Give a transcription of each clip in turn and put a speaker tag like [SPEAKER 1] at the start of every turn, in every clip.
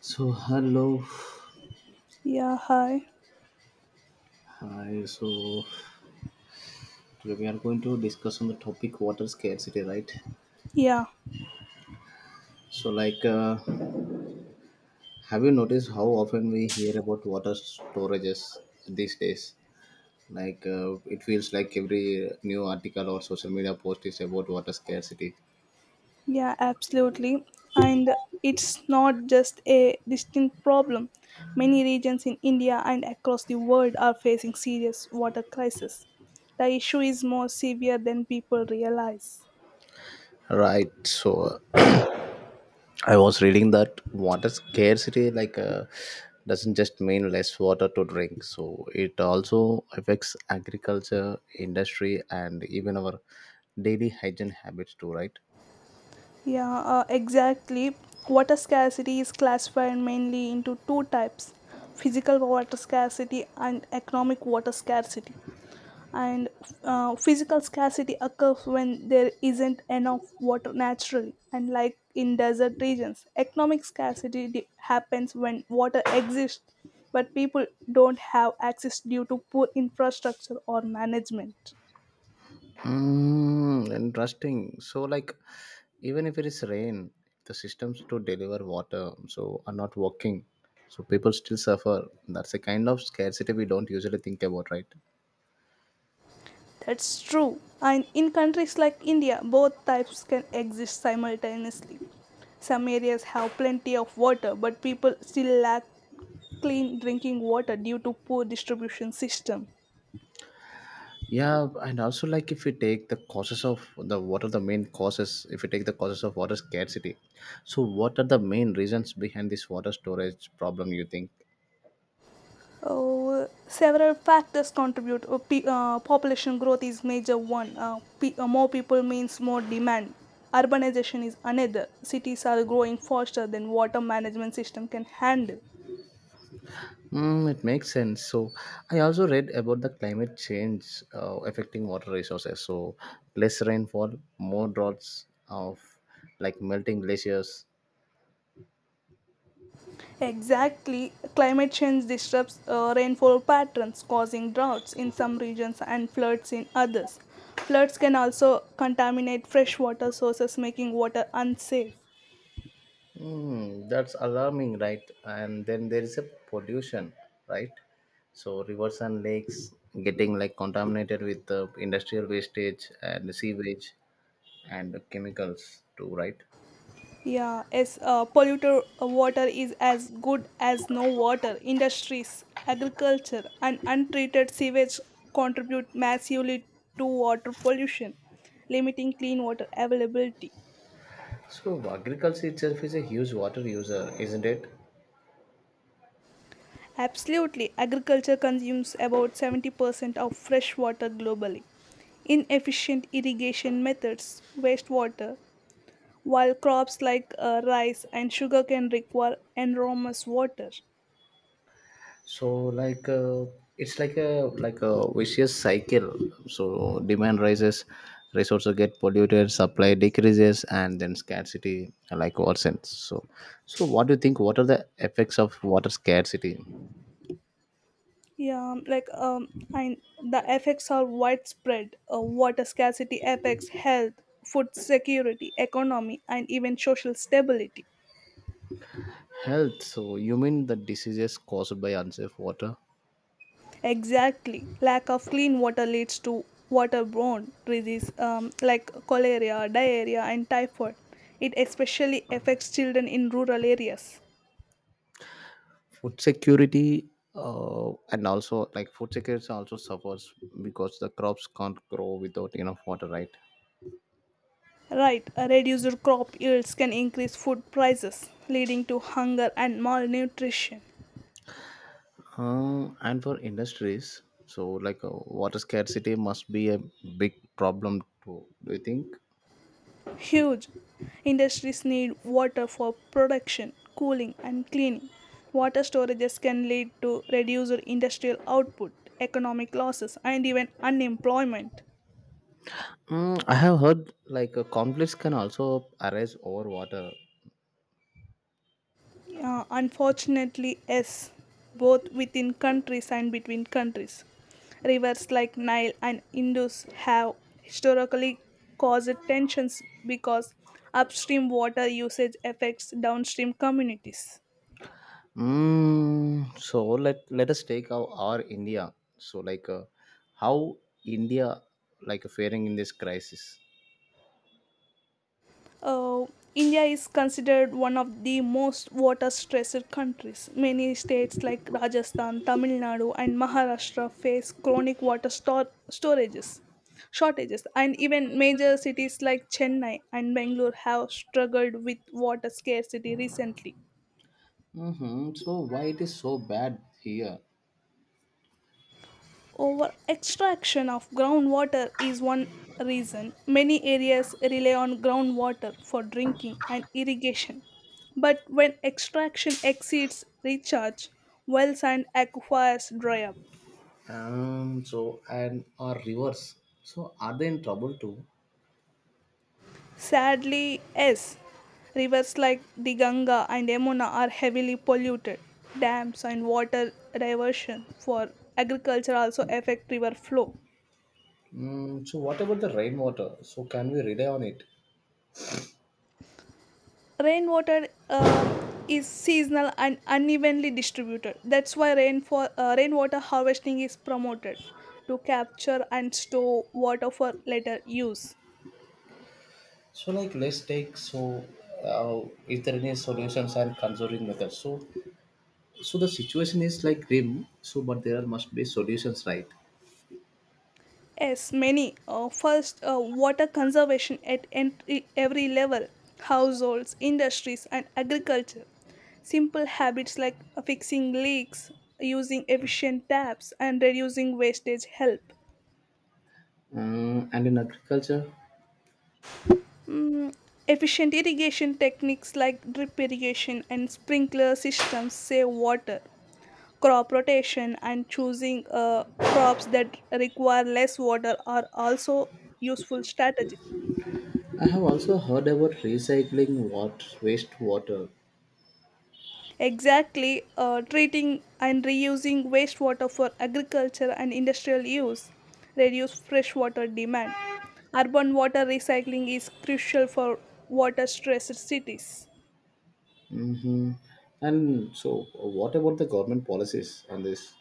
[SPEAKER 1] So hello,
[SPEAKER 2] Yeah, hi.
[SPEAKER 1] hi. So today we are going to discuss on the topic water scarcity, right?
[SPEAKER 2] Yeah,
[SPEAKER 1] So have you noticed how often we hear about water storages these days? It feels like every new article or social media post is about water scarcity.
[SPEAKER 2] yeah, absolutely. And it's not just a distinct problem. Many regions in India and across the world are facing serious water crisis. The issue is more severe than people realize.
[SPEAKER 1] Right. So I was reading that water scarcity doesn't just mean less water to drink. So it also affects agriculture, industry, and even our daily hygiene habits too, right?
[SPEAKER 2] Yeah, exactly. Water scarcity is classified mainly into two types, physical water scarcity and economic water scarcity. And Physical scarcity occurs when there isn't enough water naturally and like in desert regions. Economic scarcity happens when water exists but people don't have access due to poor infrastructure or management.
[SPEAKER 1] Mm, interesting. So like, even if it is rain, the systems to deliver water so are not working. So people still suffer. That's a kind of scarcity we don't usually think about, right?
[SPEAKER 2] That's true, and in countries like India both types can exist simultaneously. Some areas have plenty of water but people still lack clean drinking water due to poor distribution system.
[SPEAKER 1] Yeah, and also like if we take the causes of the what are the main causes if we take the causes of water scarcity. So what are the main reasons behind this water storage problem you think?
[SPEAKER 2] Several factors contribute. Population growth is major one. More people means more demand. Urbanization is another. Cities are growing faster than water management system can handle.
[SPEAKER 1] Mm, it makes sense. So, I also read about the climate change affecting water resources. So, less rainfall, more droughts of like melting glaciers.
[SPEAKER 2] Exactly, climate change disrupts rainfall patterns, causing droughts in some regions and floods in others. Floods can also contaminate freshwater sources, making water unsafe.
[SPEAKER 1] Hmm, that's alarming, right? And then there is a pollution, right? So rivers and lakes getting like contaminated with the industrial wastage and sewage and chemicals too, right?
[SPEAKER 2] Yeah, as polluted water is as good as no water. Industries, agriculture, and untreated sewage contribute massively to water pollution, limiting clean water availability.
[SPEAKER 1] So agriculture itself is a huge water user, isn't it?
[SPEAKER 2] Absolutely, agriculture consumes about 70% of fresh water globally. Inefficient irrigation methods waste water, while crops like rice and sugarcane require enormous water.
[SPEAKER 1] So it's like a vicious cycle. So demand rises, resources get polluted, supply decreases, and then scarcity like worsens. So so what do you think, what are the effects of water scarcity?
[SPEAKER 2] Yeah, like um, the effects are widespread. Water scarcity affects health, food security, economy, and even social stability.
[SPEAKER 1] Health, so you mean the diseases caused by unsafe water?
[SPEAKER 2] Exactly, lack of clean water leads to waterborne disease like cholera, diarrhea, and typhoid. It especially affects children in rural areas.
[SPEAKER 1] Food security. And also like food security also suffers because the crops can't grow without enough water, right?
[SPEAKER 2] Right, a reduced crop yields can increase food prices, leading to hunger and malnutrition.
[SPEAKER 1] And for industries, so water scarcity must be a big problem too. Do you think?
[SPEAKER 2] Huge, industries need water for production, cooling, and cleaning. Water storages can lead to reduced industrial output, economic losses, and even unemployment.
[SPEAKER 1] Mm, I have heard conflicts can also arise over water.
[SPEAKER 2] Unfortunately, yes, both within countries and between countries. Rivers like Nile and Indus have historically caused tensions because upstream water usage affects downstream communities.
[SPEAKER 1] Mm, so let us take our India. So how India like faring in this crisis?
[SPEAKER 2] Uh, India is considered one of the most water stressed countries. Many states like Rajasthan, Tamil Nadu, and Maharashtra face chronic water stor- storages shortages. And even major cities like Chennai and Bangalore have struggled with water scarcity recently.
[SPEAKER 1] Mm-hmm. So why it is so bad here?
[SPEAKER 2] Over extraction of groundwater is one reason. Many areas rely on groundwater for drinking and irrigation. But when extraction exceeds recharge, wells and aquifers dry up.
[SPEAKER 1] So and our rivers. So are they in trouble too?
[SPEAKER 2] Sadly, yes, rivers like the Ganga and Yamuna are heavily polluted. Dams and water diversion for agriculture also affect river flow.
[SPEAKER 1] Mm, so what about the rainwater? So can we rely on it?
[SPEAKER 2] Rainwater is seasonal and unevenly distributed. That's why rainwater harvesting is promoted to capture and store water for later use.
[SPEAKER 1] So like let's take so, uh, is there any solutions and conserving methods? So so the situation is like grim. So but there must be solutions, right?
[SPEAKER 2] Yes, many. First, water conservation at every level, households, industries, and agriculture. Simple habits like fixing leaks, using efficient taps, and reducing wastage help.
[SPEAKER 1] Mm, and in agriculture,
[SPEAKER 2] Mm, efficient irrigation techniques like drip irrigation and sprinkler systems save water. Crop rotation and choosing crops that require less water are also useful strategies.
[SPEAKER 1] I have also heard about recycling what wastewater.
[SPEAKER 2] Exactly, treating and reusing wastewater for agriculture and industrial use reduce freshwater demand. Urban water recycling is crucial for water stressed cities.
[SPEAKER 1] Mm-hmm. And so what about the government policies on this?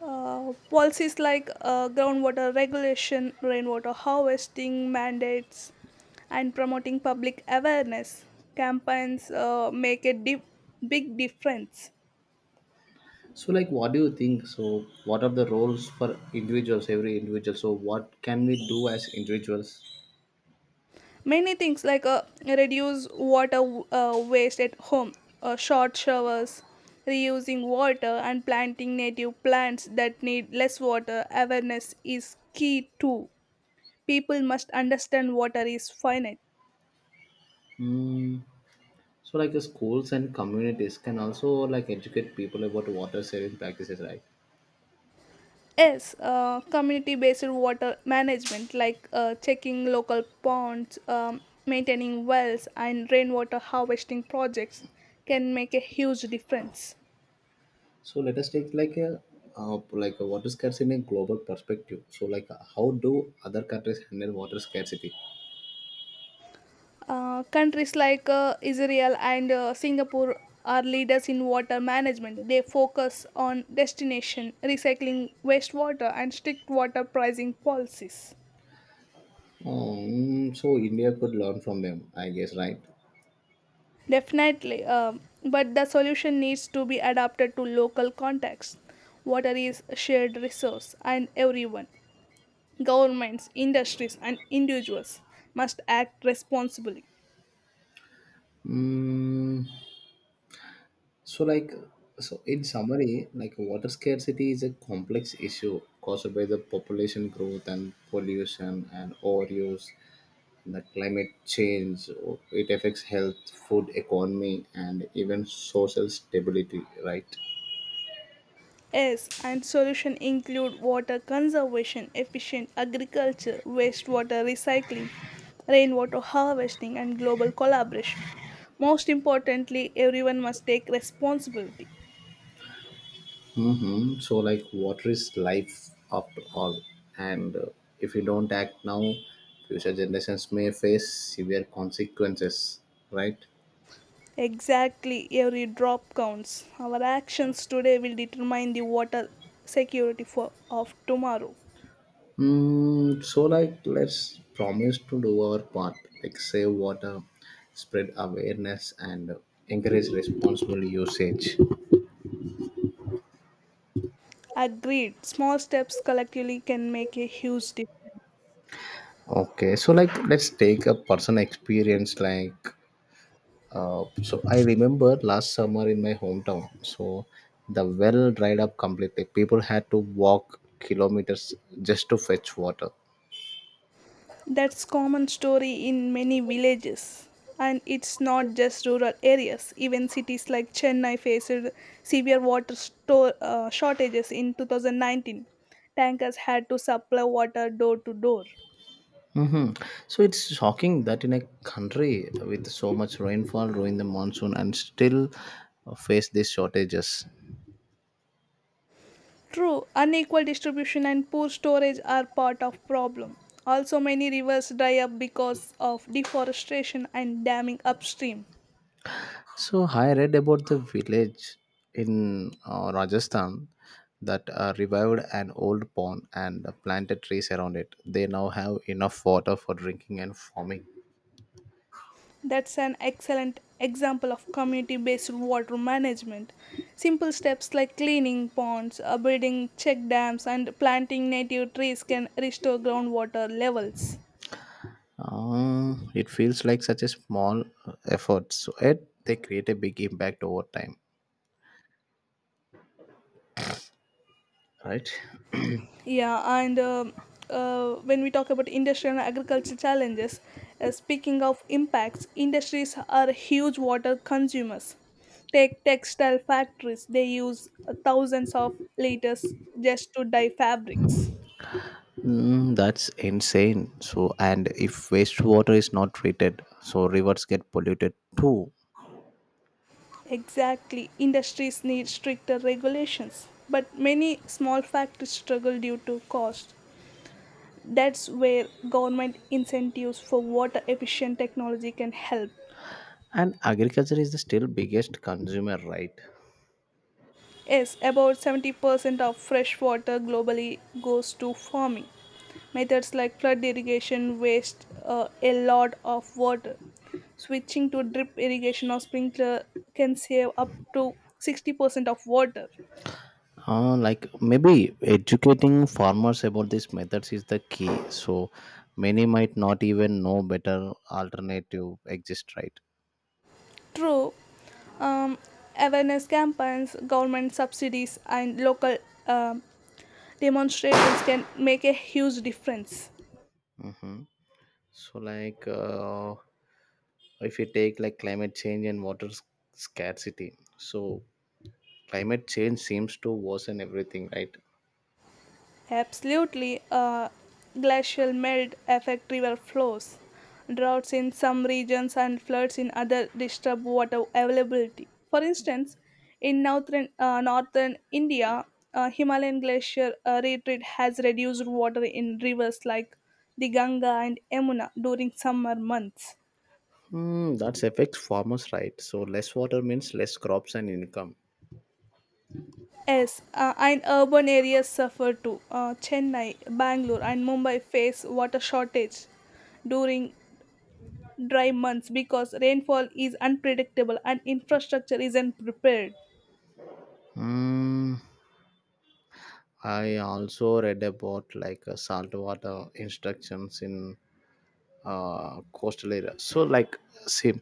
[SPEAKER 2] Policies like groundwater regulation, rainwater harvesting mandates, and promoting public awareness campaigns make a big difference.
[SPEAKER 1] So like what do you think? So what are the roles for individuals, every individual? So what can we do as individuals?
[SPEAKER 2] Many things, like reduce water waste at home, short showers, reusing water, and planting native plants that need less water. Awareness is key too. People must understand water is finite.
[SPEAKER 1] Mm, so like the schools and communities can also like educate people about water saving practices, right?
[SPEAKER 2] Yes, community based water management, like checking local ponds, maintaining wells, and rainwater harvesting projects, can make a huge difference.
[SPEAKER 1] So let us take like a water scarcity in a global perspective. So how do other countries handle water scarcity?
[SPEAKER 2] Countries like Israel and Singapore are leaders in water management. They focus on destination, recycling wastewater, and strict water pricing policies.
[SPEAKER 1] So India could learn from them, I guess, right?
[SPEAKER 2] Definitely, but the solution needs to be adapted to local context. Water is a shared resource, and everyone, governments, industries, and individuals, must act responsibly.
[SPEAKER 1] Mm, so like so in summary, like water scarcity is a complex issue caused by the population growth and pollution and overuse, the climate change. It affects health, food, economy, and even social stability, right?
[SPEAKER 2] Yes, and solution include water conservation, efficient agriculture, wastewater recycling, rainwater harvesting, and global collaboration. Most importantly, everyone must take responsibility.
[SPEAKER 1] Hmm, so like water is life after all. And if you don't act now, future generations may face severe consequences, right?
[SPEAKER 2] Exactly, every drop counts. Our actions today will determine the water security for, of tomorrow.
[SPEAKER 1] Mm, so like let's promise to do our part, like save water, spread awareness, and encourage responsible usage.
[SPEAKER 2] Agreed, small steps collectively can make a huge difference.
[SPEAKER 1] Okay, so like let's take a personal experience. Like, so I remember last summer in my hometown, so the well dried up completely. People had to walk kilometers just to fetch water.
[SPEAKER 2] That's common story in many villages. And it's not just rural areas. Even cities like Chennai faced severe shortages in 2019. Tankers had to supply water door to door.
[SPEAKER 1] Mm-hmm. So it's shocking that in a country with so much rainfall during the monsoon and still face these shortages.
[SPEAKER 2] True, unequal distribution and poor storage are part of problem. Also many rivers dry up because of deforestation and damming upstream.
[SPEAKER 1] So I read about the village in Rajasthan that revived an old pond and planted trees around it. They now have enough water for drinking and farming.
[SPEAKER 2] That's an excellent example of community based water management. Simple steps like cleaning ponds, building check dams and planting native trees can restore groundwater levels.
[SPEAKER 1] It feels like such a small effort, so yet they create a big impact over time. Right?
[SPEAKER 2] Yeah, and When we talk about industrial and agricultural challenges, speaking of impacts, industries are huge water consumers. Take textile factories, they use thousands of liters just to dye fabrics.
[SPEAKER 1] Mm, that's insane. So, and if wastewater is not treated, so rivers get polluted too.
[SPEAKER 2] Exactly, industries need stricter regulations, but many small factories struggle due to cost. That's where government incentives for water efficient technology can help.
[SPEAKER 1] And agriculture is the still biggest consumer, right?
[SPEAKER 2] Yes, about 70% of fresh water globally goes to farming. Methods like flood irrigation waste a lot of water. Switching to drip irrigation or sprinkler can save up to 60% of water.
[SPEAKER 1] Like maybe educating farmers about these methods is the key. So many might not even know better alternative exist, right?
[SPEAKER 2] True, um, awareness campaigns, government subsidies, and local um, demonstrations can make a huge difference.
[SPEAKER 1] Mhm. So if you take like climate change and scarcity, so climate change seems to worsen everything, right?
[SPEAKER 2] Absolutely, glacial melt affect river flows. Droughts in some regions and floods in other disturb water availability. For instance, in northern India, Himalayan glacier retreat has reduced water in rivers like the Ganga and Yamuna during summer months.
[SPEAKER 1] Hmm, that affects farmers, right? So less water means less crops and income.
[SPEAKER 2] Yes, and urban areas suffer too. Chennai, Bangalore, and Mumbai face water shortage during dry months because rainfall is unpredictable and infrastructure isn't prepared.
[SPEAKER 1] Hmm. I also read about salt water instructions in coastal area. So like same.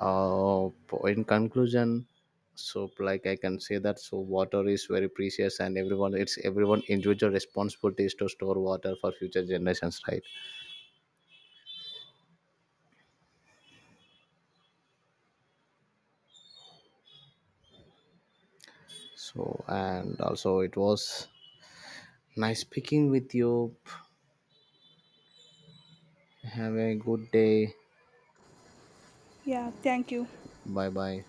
[SPEAKER 1] Uh, in conclusion, so like I can say that so water is very precious and everyone, it's everyone individual responsibility is to store water for future generations, right? So and also it was nice speaking with you. Have a good day.
[SPEAKER 2] Yeah, thank you.
[SPEAKER 1] Bye bye.